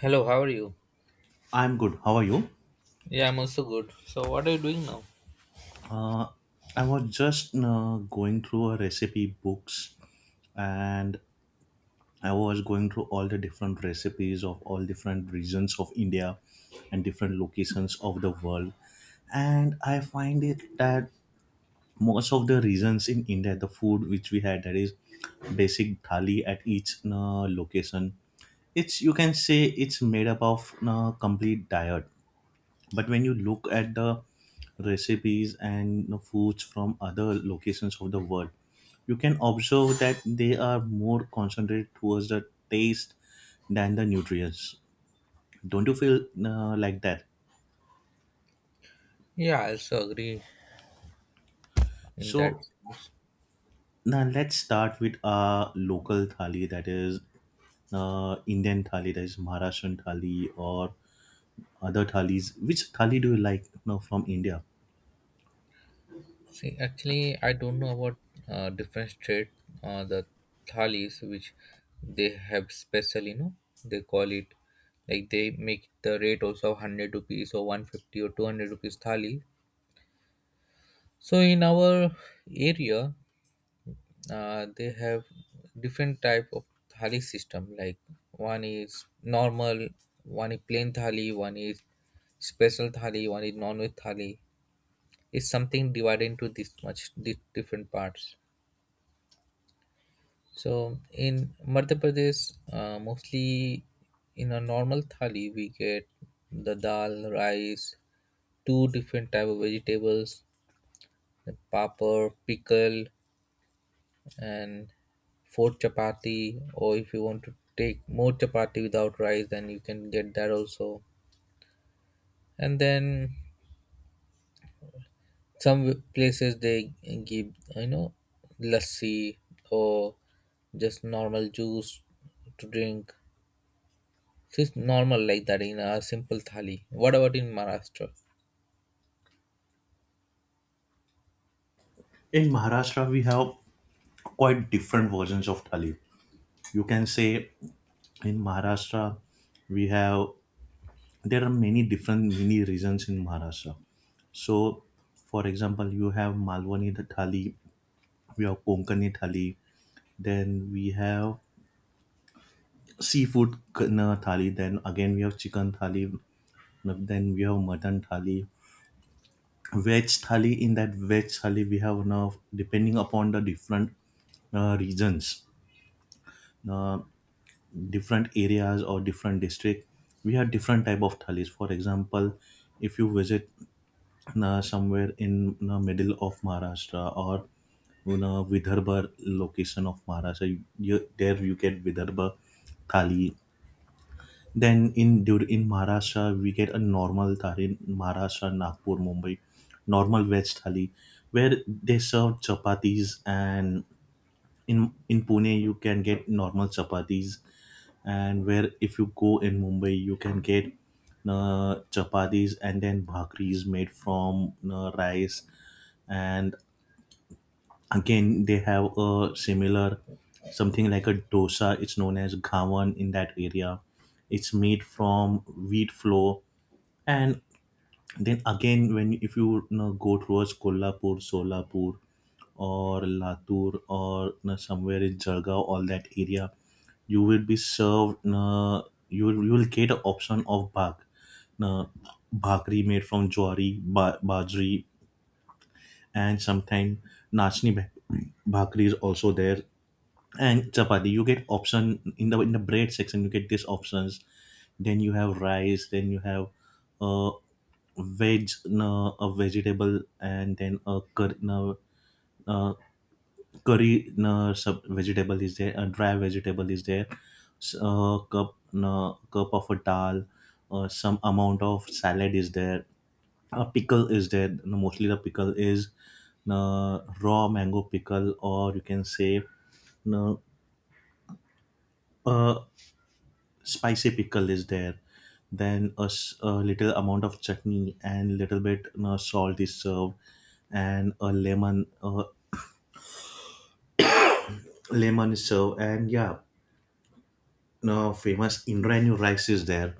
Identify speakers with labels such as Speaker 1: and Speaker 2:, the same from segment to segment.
Speaker 1: Hello, how are you?
Speaker 2: I'm good. How are you?
Speaker 1: Yeah, I'm also good. So, what do you know?
Speaker 2: Uh, I was just going through a recipe books and I was going through all the different recipes of all different regions of India and different locations of the world. And I find it that most of the regions in India, the food which we had, that is basic thali at each location, it's you can say it's made up of complete diet, but when you look at the recipes and the foods from other locations of the world, you can observe that they are more concentrated towards the taste than the nutrients. Don't you feel like that?
Speaker 1: Yeah, I also agree in that
Speaker 2: So
Speaker 1: sense.
Speaker 2: now let's start with our local thali, that is Indian thali, that is Maharashtrian thali or other thalis. Which thali do you like now from India?
Speaker 1: See, actually, I don't know about different state, the thalis, which they have special, they call it, like they make the rate also of 100 rupees or 150 or 200 rupees thali. So, in our area, they have different type of thali system, like one is normal, one is plain thali, one is special thali, one is non-veg thali. It's something divided into this much different parts. So in Madhya Pradesh, mostly in a normal thali we get the dal, rice, two different type of vegetables, the papad, pickle, and four chapati, or if you want to take more chapati without rice then you can get that also. And then some places they give, you know lassi or just normal juice to drink. So it's normal like that in a simple thali. What about in Maharashtra?
Speaker 2: In Maharashtra we have quite different versions of thali, you can say. In Maharashtra, we have, there are many different mini regions in Maharashtra. So, for example, you have Malwani thali, we have Konkani thali, then we have seafood kind thali, then again we have chicken thali, then we have mutton thali, veg thali. In that veg thali, we have now depending upon the different regions, uh, different areas or different district, we have different type of thalis. For example, if you visit somewhere in the middle of Maharashtra or in a Vidarbha location of Maharashtra. You, there you get Vidarbha thali. Then in Maharashtra we get a normal thali. In Maharashtra, Nagpur, Mumbai, normal veg thali, where they serve chapatis, and in Pune you can get normal chapatis, and where if you go in Mumbai you can get chapatis and then bhakris made from rice, and again they have a similar something like a dosa. It's known as gawan in that area. It's made from wheat flour, and then again when if you, you know, go towards Kolhapur, Solapur, or Latur, or you know, somewhere in Jargaon, all that area, you will be served, you know, you will get an option of bhag, you know, bhakri made from jowari, bajri, and sometimes nachni bha- bhakri is also there, and chapati you get option in the bread section, you get these options. Then you have rice, then you have uh veg, no, a vegetable, and then a curry, no, uh, curry, no, sub vegetable is there, a dry vegetable is there, a cup, no, cup of a dal, some amount of salad is there, a pickle is there, no, mostly the pickle is, no, raw mango pickle, or you can say, no, uh, spicy pickle is there, then a, a little amount of chutney, and little bit, you know, salt is served, and a lemon, lemon is served, and yeah, no, famous indranu rice is there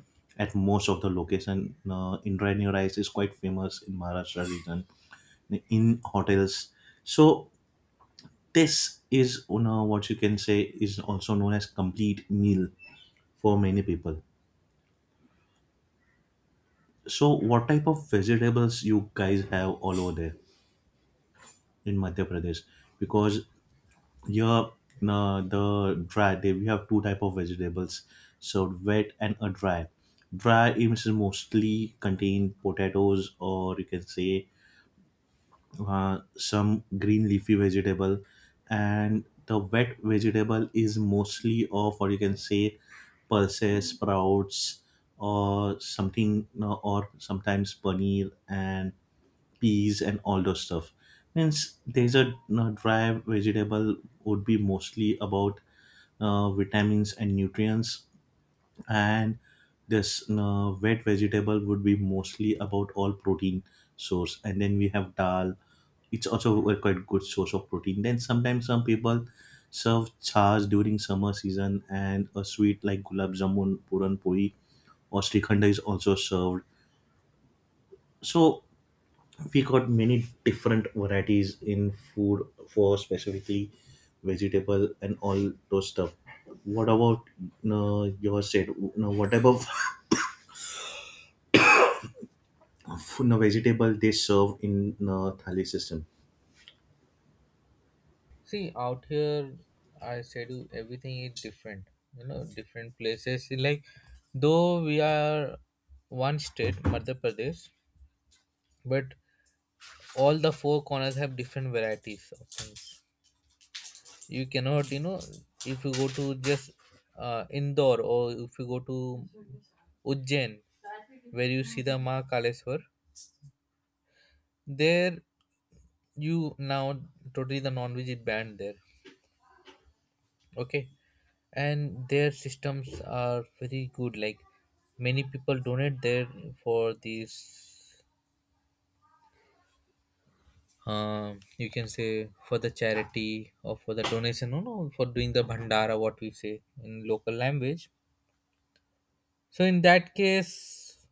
Speaker 2: at most of the location, no, indranu rice is quite famous in Maharashtra region, in hotels. So this is, you know, what you can say is also known as complete meal for many people. So what type of vegetables you guys have all over there in Madhya Pradesh? Because here the dry, they, we have two type of vegetables, so wet and a dry. Dry is mostly contain potatoes, or you can say some green leafy vegetable, and the wet vegetable is mostly of, or you can say, pulses, sprouts, or something, you know, or sometimes paneer and peas and all those stuff. Means there's a you, dry vegetable would be mostly about vitamins and nutrients, and this you, wet vegetable would be mostly about all protein source, and then we have dal, it's also a quite good source of protein. Then sometimes some people serve chas during summer season, and a sweet like gulab jamun, puran poi, or srikhanda is also served. So we got many different varieties in food, for specifically vegetable and all those stuff. What about your said what type of you know, vegetable they serve in thali system?
Speaker 1: See, out here, I said you, everything is different. Different places, like, though we are one state, Madhya Pradesh, but all the four corners have different varieties of things. You cannot, if you go to just Indore, or if you go to Ujjain, where you see the Ma Kaleswar, there you now totally the non-veg is banned there. Okay. And their systems are very good, like many people donate there for these, you can say, for the charity or for the donation, no, no, for doing the bhandara, what we say in local language. So in that case,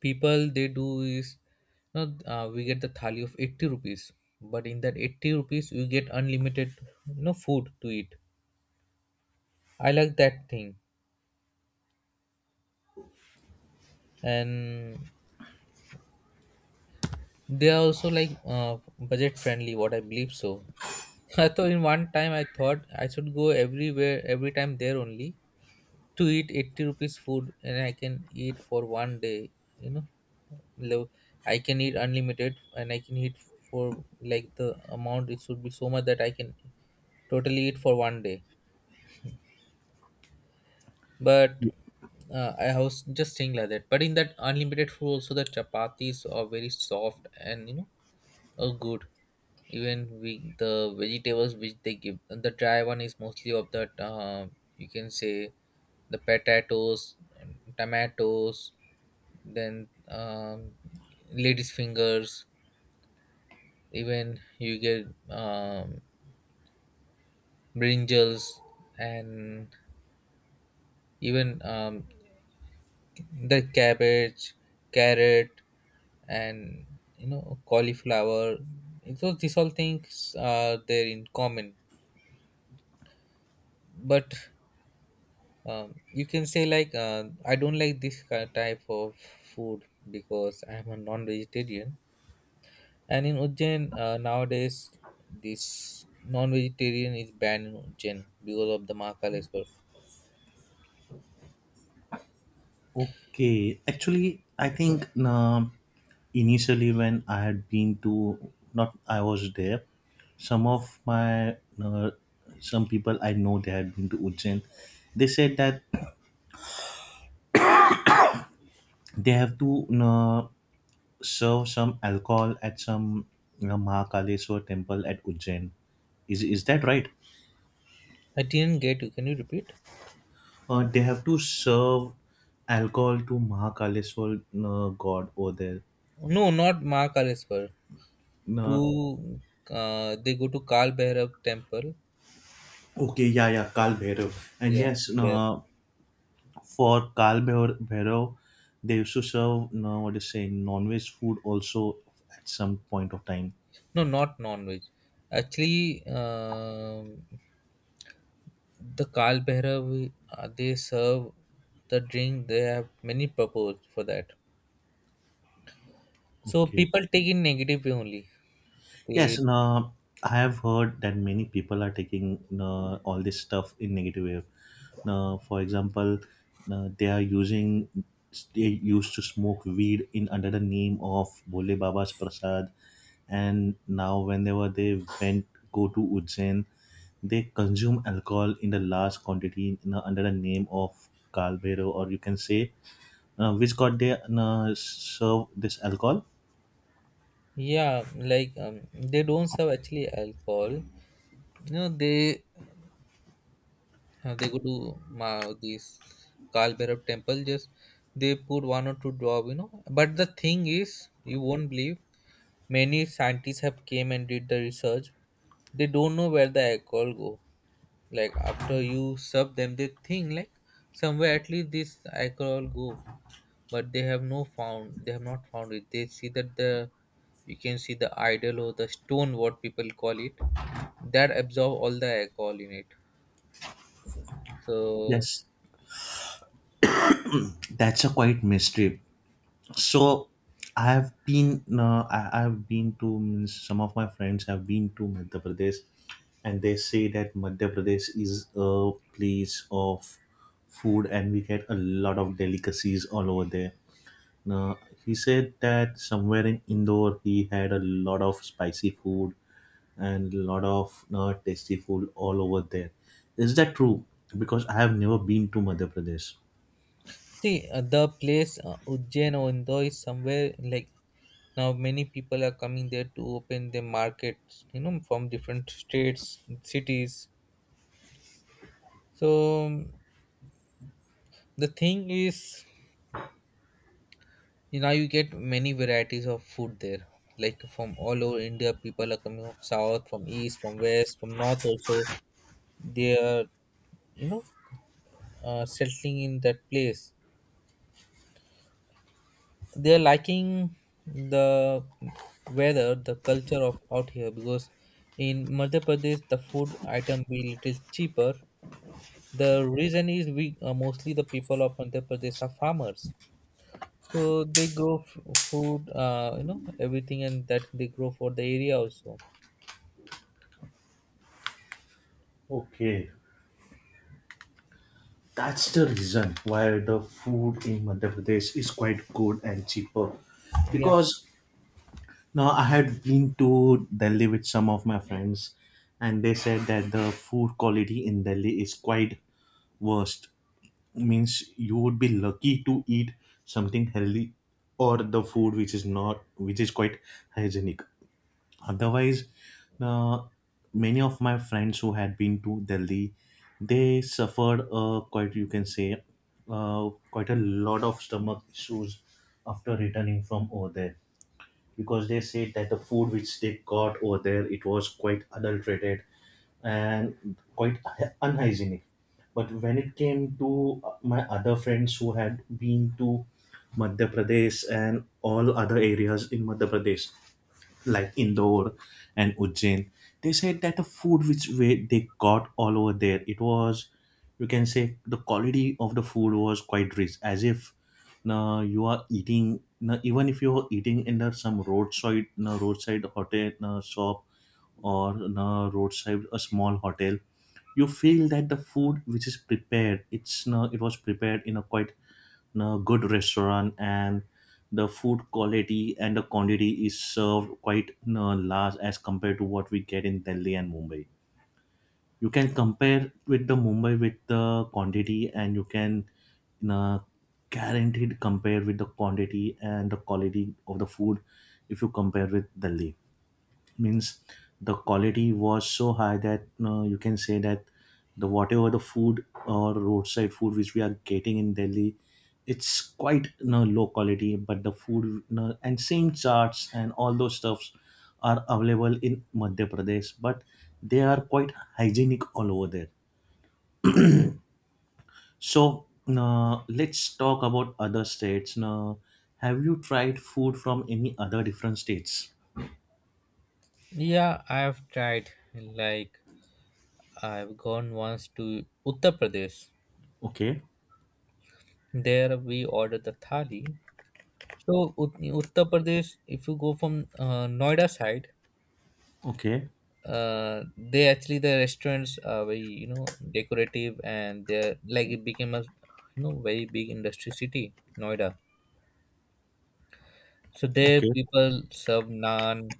Speaker 1: people they do is, we get the thali of 80 rupees, but in that 80 rupees you get unlimited, food to eat. I like that thing. And they are also like budget friendly, what I believe. So, I thought in one time, I thought I should go everywhere every time there only to eat 80 rupees food, and I can eat for one day, you know, lo- I can eat unlimited, and I can eat for like the amount it should be so much that I can totally eat for one day. But I was just saying like that. But in that unlimited food, also the chapatis are very soft, and. Oh, good. Even we, the vegetables which they give, the dry one is mostly of that. You can say the potatoes, tomatoes, then ladies' fingers. Even you get um, brinjals, and even the cabbage, carrot, and cauliflower. So these all things are there in common, but you can say, like I don't like this type of food because I'm a non-vegetarian. And in Ujjain, nowadays, this non-vegetarian is banned in Ujjain because of the Mahakaleshwar.
Speaker 2: Okay, actually I think initially when I had been to, not I was there, some of my uh, some people I know they had been to Ujjain, they said that they have to you serve some alcohol at some, you know, Mahakaleshwar temple at Ujjain. Is that right?
Speaker 1: I didn't get you. Can you repeat?
Speaker 2: They have to serve alcohol to Mahakaleshwar god over there.
Speaker 1: No, not Mahakaleshwar.
Speaker 2: Uh,
Speaker 1: To They go to Kal Bhairav temple.
Speaker 2: okay, yeah, yeah, Kal Bhairav. And
Speaker 1: Yeah,
Speaker 2: yes,
Speaker 1: there.
Speaker 2: for Bhairav, they used to serve what is saying non-veg food also at some point of time.
Speaker 1: No, not non-veg. Actually, um the Kal Bhairav, they serve the drink. They have many purpose for that. So
Speaker 2: Okay.
Speaker 1: people take it negative way only. They.
Speaker 2: Yes, no, I have heard that many people are taking all this stuff in negative way. Now, for example, they are using, they used to smoke weed in under the name of Bole Baba's Prasad, and now whenever they went go to Ujjain, they consume alcohol in the large quantity, you know, under the name of Kalbero, or you can say which god they serve this alcohol.
Speaker 1: Yeah, like, they don't serve actually alcohol. You know, they go to ma this Kal Bhairav temple. Just they put one or two drop. You know, but the thing is, you won't believe. Many scientists have came and did the research. They don't know where the alcohol go. Like after you serve them they think like somewhere at least this alcohol go, but they have not found it. They see that the, you can see the idol or the stone, what people call it, that absorb all the alcohol in it. So,
Speaker 2: Yes, that's a quite mystery. So I have been I, I've been to, means some of my friends have been to Madhya Pradesh, and they say that Madhya Pradesh is a place of food, and we get a lot of delicacies all over there. Now he said that somewhere in Indore he had a lot of spicy food and a lot of tasty food all over there. Is that true? Because I have never been to Madhya Pradesh.
Speaker 1: see, the place, Ujjain or Indore, is somewhere like, now many people are coming there to open their markets, from different states, cities. So the thing is, you get many varieties of food there. Like from all over India, people are coming from south, from east, from west, from north also. They are, you know, settling in that place. They are liking the weather, the culture of out here, because in Madhya Pradesh the food item be little cheaper. The reason is, we, mostly the people of Madhya Pradesh are farmers. So they grow, food, everything, and that they grow for the area also.
Speaker 2: Okay. That's the reason why the food in Madhya Pradesh is quite good and cheaper.
Speaker 1: Yeah.
Speaker 2: Because now I had been to Delhi with some of my friends, and they said that the food quality in Delhi is quite worst. Means you would be lucky to eat something healthy, or the food which is not, which is quite hygienic. Otherwise, uh, many of my friends who had been to Delhi, they suffered quite you can say quite a lot of stomach issues after returning from over there, because they said that the food which they got over there, it was quite adulterated and quite unhygienic. But when it came to my other friends who had been to Madhya Pradesh and all other areas in Madhya Pradesh, like Indore and Ujjain, they said that the food which we, they got all over there, it was, you can say, the quality of the food was quite rich, as if now you are eating, now even if you are eating in the, some roadside, now roadside hotel, now shop, or on a roadside a small hotel, you feel that the food which is prepared, it's no, it was prepared in a quite in a good restaurant, and the food quality and the quantity is served quite no know, large as compared to what we get in Delhi and Mumbai. You can compare with the Mumbai with the quantity, and you can, you guaranteed compare with the quantity and the quality of the food if you compare with Delhi. Means the quality was so high that you can say that the whatever the food or roadside food which we are getting in Delhi, it's quite, you know, low quality. But the food, you know, and same charts and all those stuffs are available in Madhya Pradesh, but they are quite hygienic all over there. So let's talk about other states. Now, have you tried food from any other different states?
Speaker 1: Yeah, I've tried. Like, I've gone once to Uttar Pradesh.
Speaker 2: Okay,
Speaker 1: There we ordered the thali. So, Ut- Uttar Pradesh, if you go from Noida side,
Speaker 2: okay,
Speaker 1: uh, they actually, the restaurants are very, decorative, and they're, like, it became a, very big industry city, Noida. So there
Speaker 2: okay.
Speaker 1: people serve naan,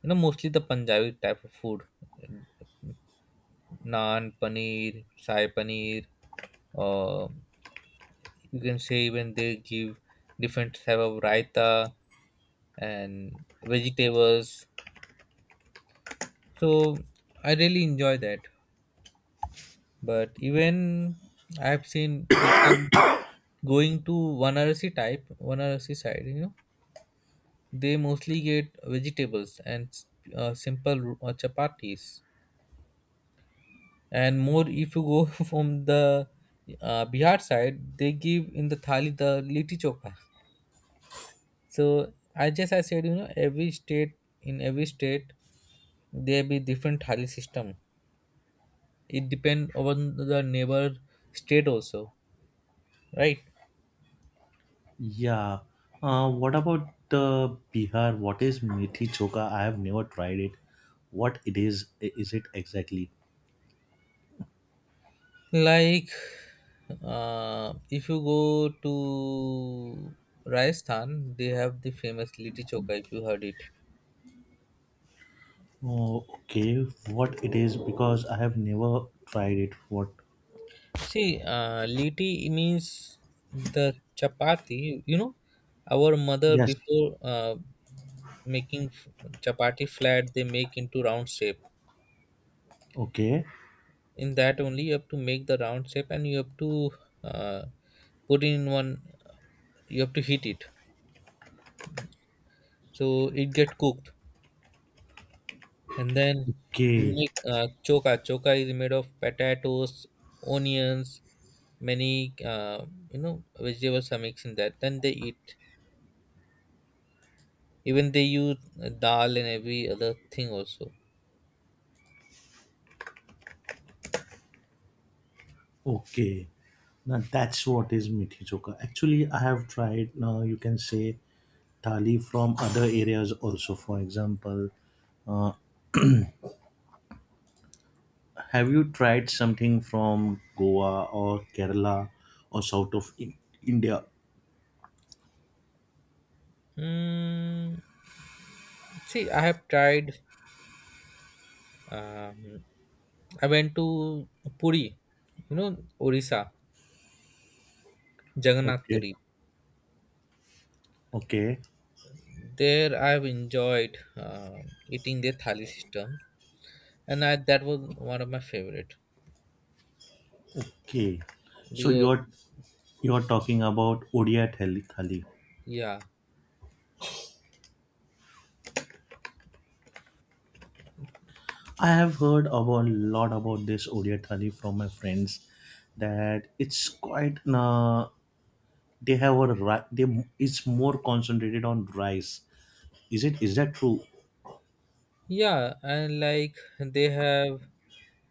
Speaker 1: mostly the Punjabi type of food. Naan, paneer, sai paneer, or you can say, even they give different type of raita and vegetables. So I really enjoy that. But even, I've seen people going to Vanarasi type, Vanarasi side, they mostly get vegetables and simple chapatis. And more, if you go from the Bihar side, they give in the thali the liti choka. So I said, every state in every state there be different thali system. It depend on the neighbor state also, right?
Speaker 2: Yeah. What about the Bihar? What is methi choka? I have never tried it. What it is? Is it exactly?
Speaker 1: Like if you go to Rajasthan, they have the famous liti choka. If you heard it.
Speaker 2: Oh, okay. What it is? Because I have never tried it. What?
Speaker 1: See, liti means the chapati. Our mother
Speaker 2: Yes.
Speaker 1: before making chapati flat, they make into round shape.
Speaker 2: Okay.
Speaker 1: In that only you have to make the round shape, and you have to uh, put in one. You have to heat it, so it get cooked, and then you
Speaker 2: Okay.
Speaker 1: make choka. Choka is made of potatoes, onions, many, vegetables are mixed in that. Then they eat. Even they use dal and every other thing also.
Speaker 2: Okay. Now that's what is methi choka. Actually, I have tried. Now you can say thali from other areas also. For example, uh, have you tried something from Goa or Kerala or India?
Speaker 1: Mm, see, I have tried. Um, I went to Puri, Orissa, Jagannath
Speaker 2: Okay,
Speaker 1: Puri.
Speaker 2: okay,
Speaker 1: There, I have enjoyed eating their thali system, and that was one of my favorite,
Speaker 2: okay. So
Speaker 1: because
Speaker 2: you're talking about Odia thali. Thali.
Speaker 1: yeah.
Speaker 2: I have heard about a lot about this Odia thali from my friends, that it's quite they have they, it's more concentrated on rice. Is it is that true?
Speaker 1: Yeah, and like they have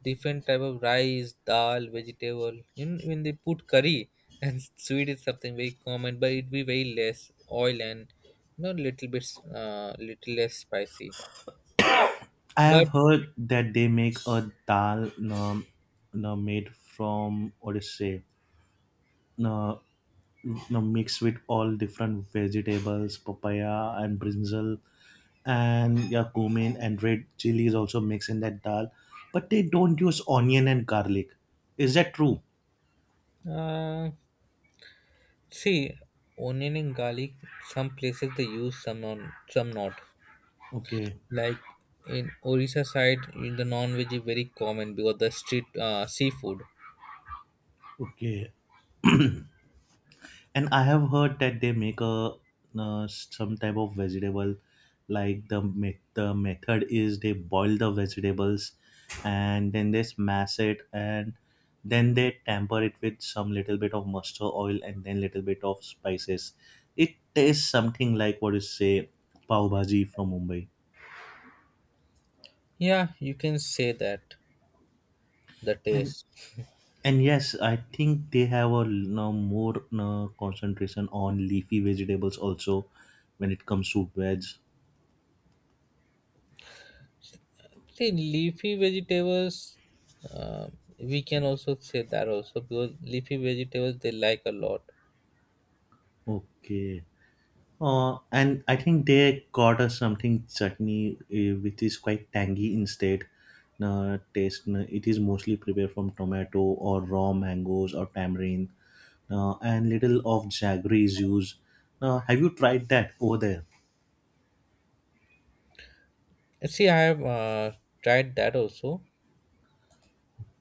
Speaker 1: different type of rice, dal, vegetable. Even when they put curry and sweet is something very common, but it be very less oil and little bit little less spicy.
Speaker 2: I have
Speaker 1: But
Speaker 2: heard that they make a dal, made from what is say, uh, no, mix with all different vegetables, papaya and brinjal, and yeah, cumin and red chili is also mixed in that dal. But they don't use onion and garlic. Is that true?
Speaker 1: uh, see, onion and garlic. Some places they use, some non, some not.
Speaker 2: Okay,
Speaker 1: Like in Orissa side, in the non-veg is very common because the street, seafood.
Speaker 2: okay. And I have heard that they make a some type of vegetable, like the method is they boil the vegetables, and then they smash it, and then they tamper it with some little bit of mustard oil, and then little bit of spices. It tastes something like what you say, pav bhaji from Mumbai.
Speaker 1: Yeah, you can say that, the
Speaker 2: And
Speaker 1: taste.
Speaker 2: and yes, I think they have a now more concentration on leafy vegetables also when it comes to veg.
Speaker 1: See, leafy vegetables, uh, we can also say that also, because leafy vegetables they like a lot.
Speaker 2: Okay. And I think they got us something chutney, which is quite tangy instead. Taste. It is mostly prepared from tomato or raw mangoes or tamarind, and little of jaggery is used. Have you tried that over there?
Speaker 1: See, I have tried that also.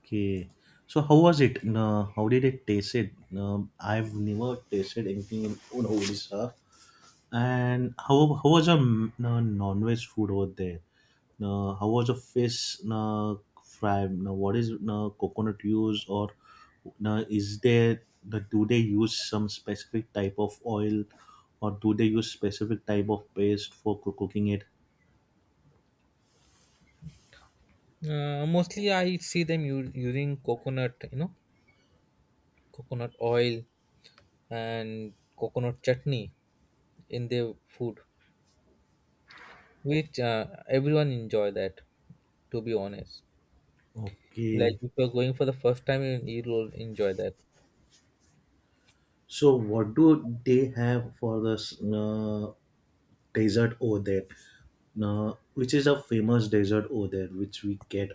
Speaker 2: Okay. So how was it? How did it taste? It. I've never tasted anything in Odisha. And how was your mm, no, non-veg food over there? No, how was the fish no, fry? No, what is no, coconut use or no, is there no, do they use some specific type of oil or do they use specific type of paste for cooking it?
Speaker 1: Mostly, I see them using coconut, coconut oil and coconut chutney in their food, which everyone enjoy that. To be honest, like,
Speaker 2: Okay.
Speaker 1: if you're going for the first time, you'll enjoy that.
Speaker 2: So what do they have for this no, dessert over there? No, which is a famous dessert over there which we get.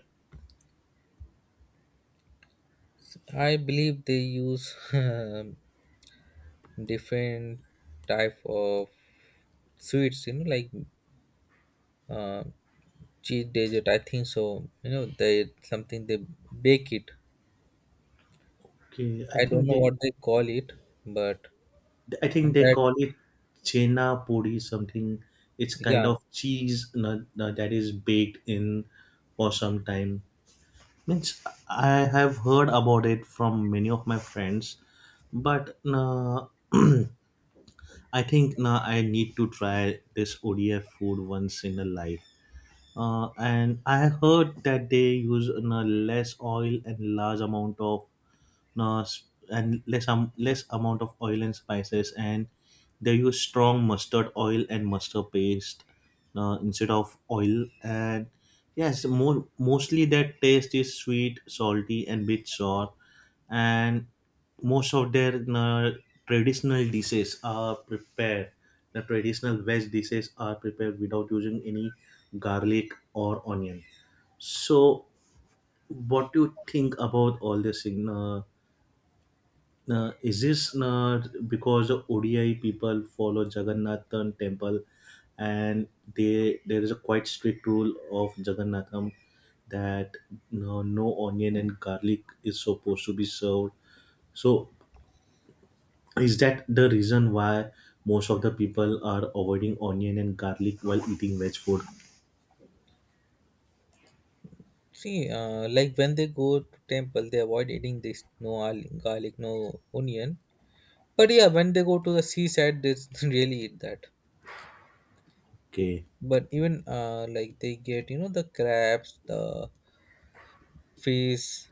Speaker 1: I believe they use different type of sweets, like uh, cheese dessert, I think. So, they bake it.
Speaker 2: Okay,
Speaker 1: I don't know what they call it, but
Speaker 2: I think they
Speaker 1: that.
Speaker 2: call it chena puri something. It's kind
Speaker 1: Yeah.
Speaker 2: of cheese that is baked in for some time. Means I have heard about it from many of my friends, but na I think na I need to try this ODF food once in a life. And I heard that they use na less oil and large amount of s- and less less amount of oil and spices and they use strong mustard oil and mustard paste instead of oil and yes more mostly their taste is sweet, salty and bit sour, and most of their traditional dishes are prepared the traditional veg dishes are prepared without using any garlic or onion. So what do you think about all this in is this not because the ODI people follow Jagannathan temple and they there is a quite strict rule of Jagannatham that no, no onion and garlic is supposed to be served. So is that the reason why most of the people are avoiding onion and garlic while eating veg food?
Speaker 1: See, like when they go to temple they avoid eating this, no, garlic, no onion. But yeah, when they go to the seaside they really eat that.
Speaker 2: Okay.
Speaker 1: But even, like they get, the crabs, the fish,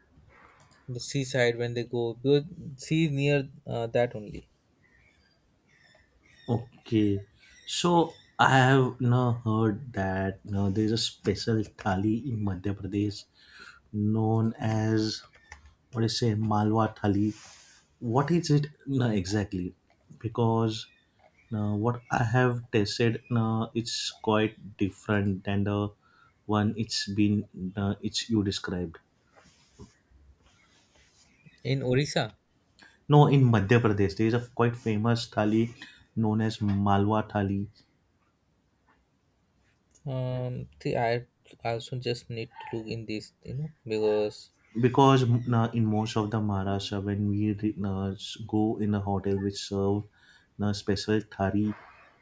Speaker 1: the seaside when they go because sea is near, that only.
Speaker 2: Okay. So I have now heard that now there's a special thali in Madhya Pradesh known as what do you say Malwa Thali. What is it no, exactly? Because no, what I have tasted no, it's quite different than the one it's been it's you described.
Speaker 1: In Orissa.
Speaker 2: No, in Madhya Pradesh there is a quite famous thali known as Malwa Thali.
Speaker 1: See, I also just need to look in this, because
Speaker 2: Because in most of the Maharashtra, when we go in a hotel which serve special thali,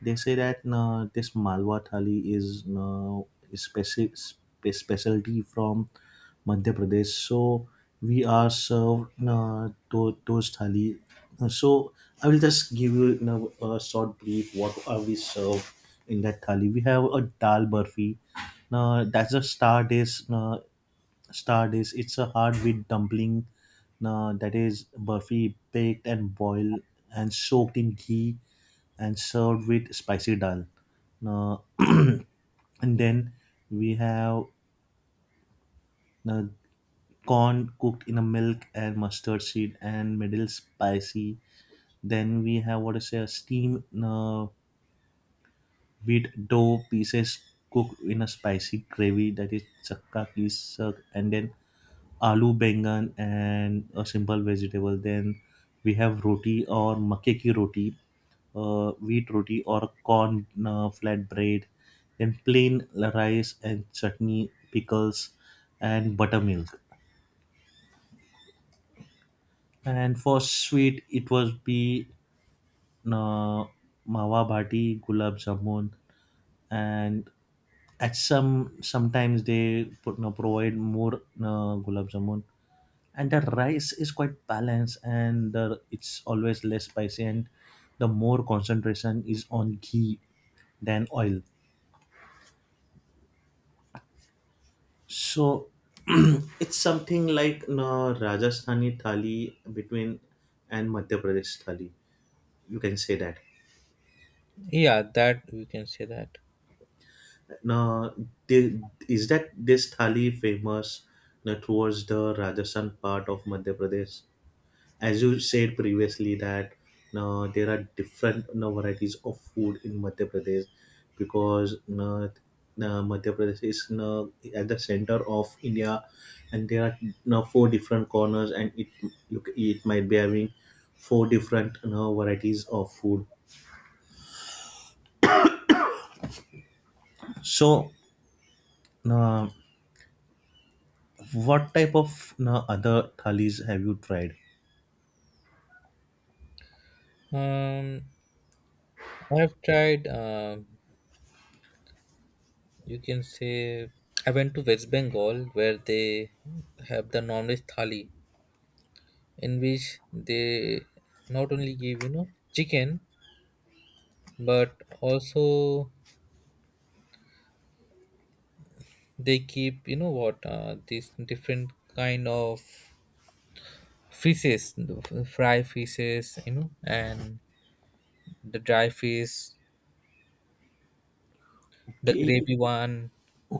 Speaker 2: they say that this Malwa thali is specialty from Madhya Pradesh. So we are served those thali. So I will just give you, you know, a short brief what are we served in that thali. We have a dal burfi. Now that's a star dish. Stardish, it's a hard wheat dumpling that is burfi baked and boiled and soaked in ghee and served with spicy dal. And then we have uh, corn cooked in a milk and mustard seed and middle spicy. Then we have what is a steamed wheat dough pieces cooked in a spicy gravy that is chakka ki sag. And then aloo bangan and a simple vegetable. Then we have roti or makke ki roti, wheat roti or corn flatbread. Then plain rice and chutney, pickles, and buttermilk. And for sweet, it was be uh, mawa bhati gulab jamun, and at some sometimes they put no provide more gulab jamun, and the rice is quite balanced and it's always less spicy and the more concentration is on ghee than oil. So it's something like Rajasthani thali between and Madhya Pradesh thali, you can say that.
Speaker 1: yeah, that we can say that.
Speaker 2: Now, the, is that this thali famous now, towards the Rajasthan part of Madhya Pradesh? As you said previously, that now there are different now, varieties of food in Madhya Pradesh because now, Madhya Pradesh is now, at the center of India, and there are now four different corners, and it you, c- it might be having four different now, varieties of food. So. Now what type of no, other thalis have you tried?
Speaker 1: Um, I have tried. You can say, I went to West Bengal where they have the non-veg thali, in which they not only give, chicken, but also they keep, you know what these different kind of fishes, the fry fishes, and the dry fish, the
Speaker 2: Okay,
Speaker 1: gravy one.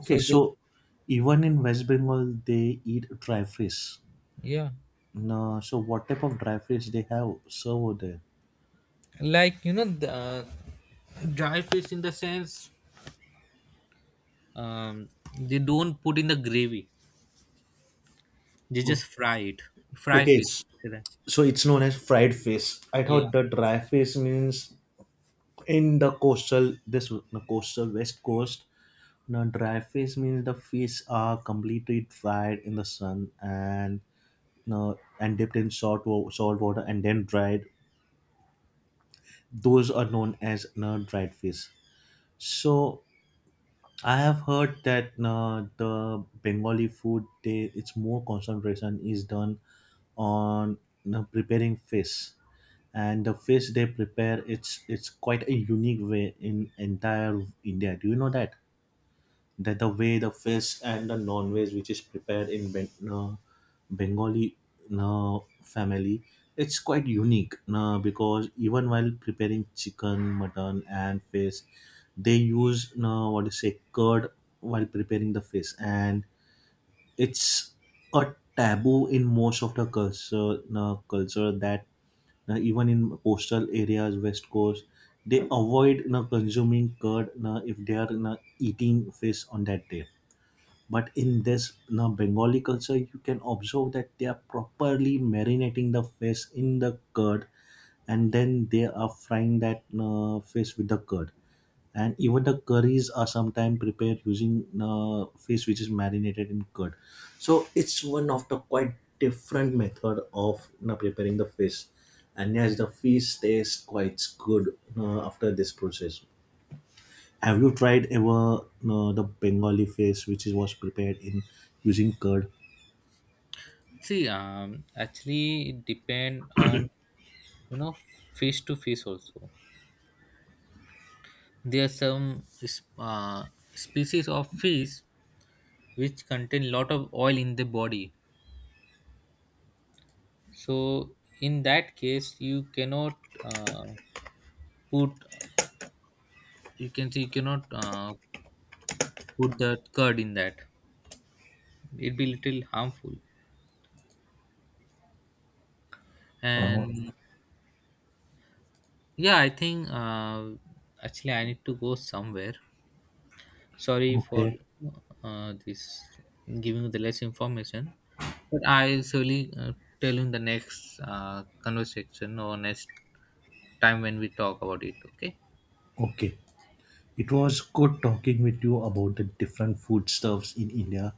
Speaker 1: So they.
Speaker 2: So even in West Bengal, they eat dry fish.
Speaker 1: Yeah.
Speaker 2: No, so what type of dry fish they have serve over there?
Speaker 1: Like, the dry fish in the sense, um they don't put in the gravy, they
Speaker 2: Oh,
Speaker 1: just fry it, fry
Speaker 2: okay,
Speaker 1: fish,
Speaker 2: s-
Speaker 1: say that.
Speaker 2: so it's known as fried fish. I
Speaker 1: Yeah,
Speaker 2: thought the dry fish means in the coastal this the coastal west coast. Now dry fish means the fish are completely dried in the sun and no and dipped in salt water and then dried, those are known as dried fish. So I have heard that the Bengali food, they its more concentration is done on preparing fish, and the fish they prepare, it's quite a unique way in entire India, do you know that? That the way the fish and the non-veg which is prepared in Bengali family, it's quite unique because even while preparing chicken mutton and fish they use what do you say curd while preparing the fish. And it's a taboo in most of the culture that even in coastal areas west coast they avoid, you know, consuming curd, you know, if they are, you know, eating fish on that day. But in this now Bengali culture you can observe that they are properly marinating the fish in the curd and then they are frying that fish with the curd, and even the curries are sometimes prepared using fish which is marinated in curd. So it's one of the quite different method of, you know, preparing the fish. And yes, the fish tastes quite good after this process. Have you tried ever the Bengali face, which is, was prepared in using curd?
Speaker 1: see, actually it depend on, you know fish to fish also. There are some species of fish which contain lot of oil in the body. So in that case, uh, put you can see you cannot put the curd in that. It'd be little harmful.
Speaker 2: Uh,
Speaker 1: And yeah, I think, actually I need to go somewhere. Sorry for
Speaker 2: Okay,
Speaker 1: this giving you the less information. But I will surely tell you in the next conversation, or next time when we talk about it, okay?
Speaker 2: okay. It was good talking with you about the different foodstuffs in India.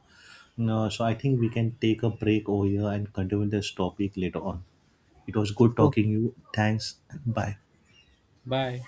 Speaker 2: No, so I think we can take a break over here and continue this topic later on. It was good talking
Speaker 1: Okay.
Speaker 2: you. Thanks. Bye.
Speaker 1: Bye.